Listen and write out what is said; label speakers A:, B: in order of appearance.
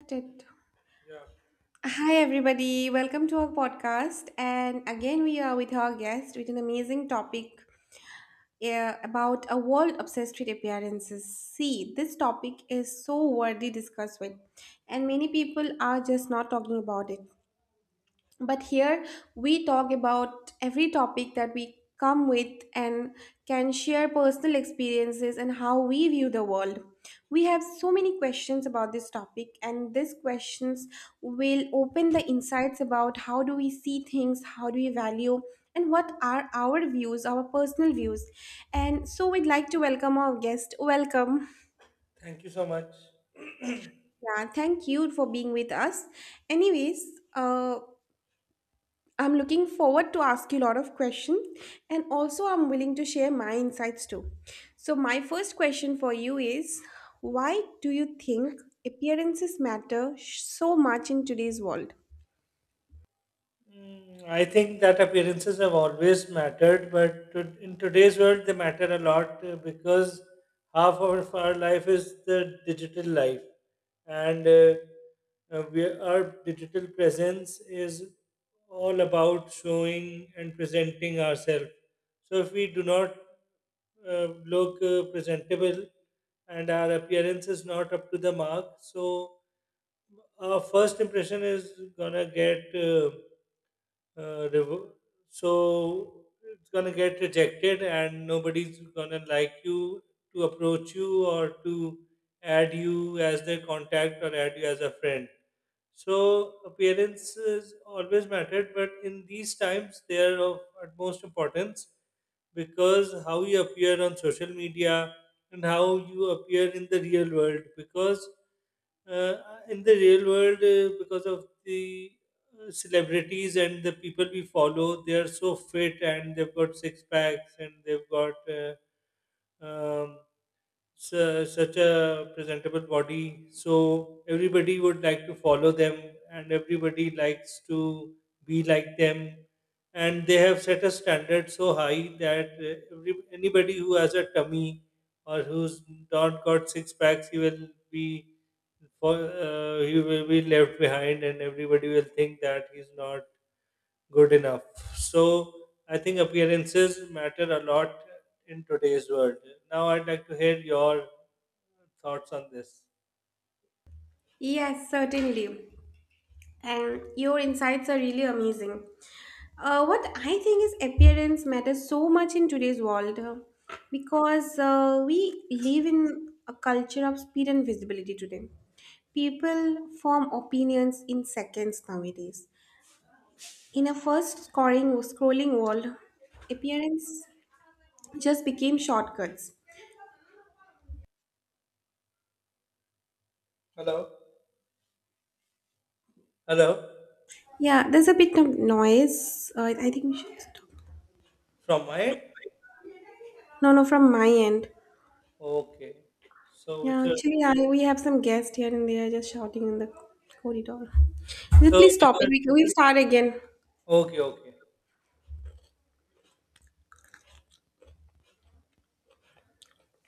A: Started.
B: Yeah,
A: Hi, everybody. Welcome to our podcast. And again, we are with our guest with an amazing topic about a world obsessed with appearances. See, this topic is so widely discussed with, and many people are just not talking about it, but here we talk about every topic that we come with and can share personal experiences and how we view the world. We have so many questions about this topic, and these questions will open the insights about how do we see things, how do we value, and what are our views, our personal views. And so we'd like to welcome our guest. Welcome.
B: thank you so much.
A: Yeah, thank you for being with us. Anyways, I'm looking forward to ask you a lot of questions, and also I'm willing to share my insights too. So my first question for you is, why do you think appearances matter so much in today's world?
B: I think that appearances have always mattered, but in today's world, they matter a lot because half of our life is the digital life, and our digital presence is all about showing and presenting ourselves. So if we do not look presentable and our appearance is not up to the mark, so our first impression is gonna get uh, revo- so it's gonna get rejected, and nobody's gonna like you to approach you or to add you as their contact or add you as a friend. So appearances always mattered, but in these times they are of utmost importance, because how you appear on social media and how you appear in the real world. Because uh, in the real world, because of the celebrities and the people we follow, they are so fit and they've got six packs, and they've got um, such a presentable body, so everybody would like to follow them, and everybody likes to be like them. And they have set a standard so high that anybody who has a tummy or who's not got six packs, he will be for he will be left behind, and everybody will think that he's not good enough. So I think appearances matter a lot in today's world. Now I'd like to hear your thoughts on this.
A: Yes, certainly. And your insights are really amazing. What I think is appearance matters so much in today's world because we live in a culture of speed and visibility today. People form opinions in seconds nowadays. In a first scoring scrolling world, appearance just became shortcuts.
B: Hello. Hello.
A: Yeah, there's a bit of noise. I think we should stop.
B: From my end?
A: No, no, from my end.
B: Okay. So we
A: Yeah,
B: should
A: actually, I we have some guests here and they are just shouting in the corridor.
B: so
A: Please
B: we
A: stop it.
B: should
A: We'll start again.
B: okay, okay.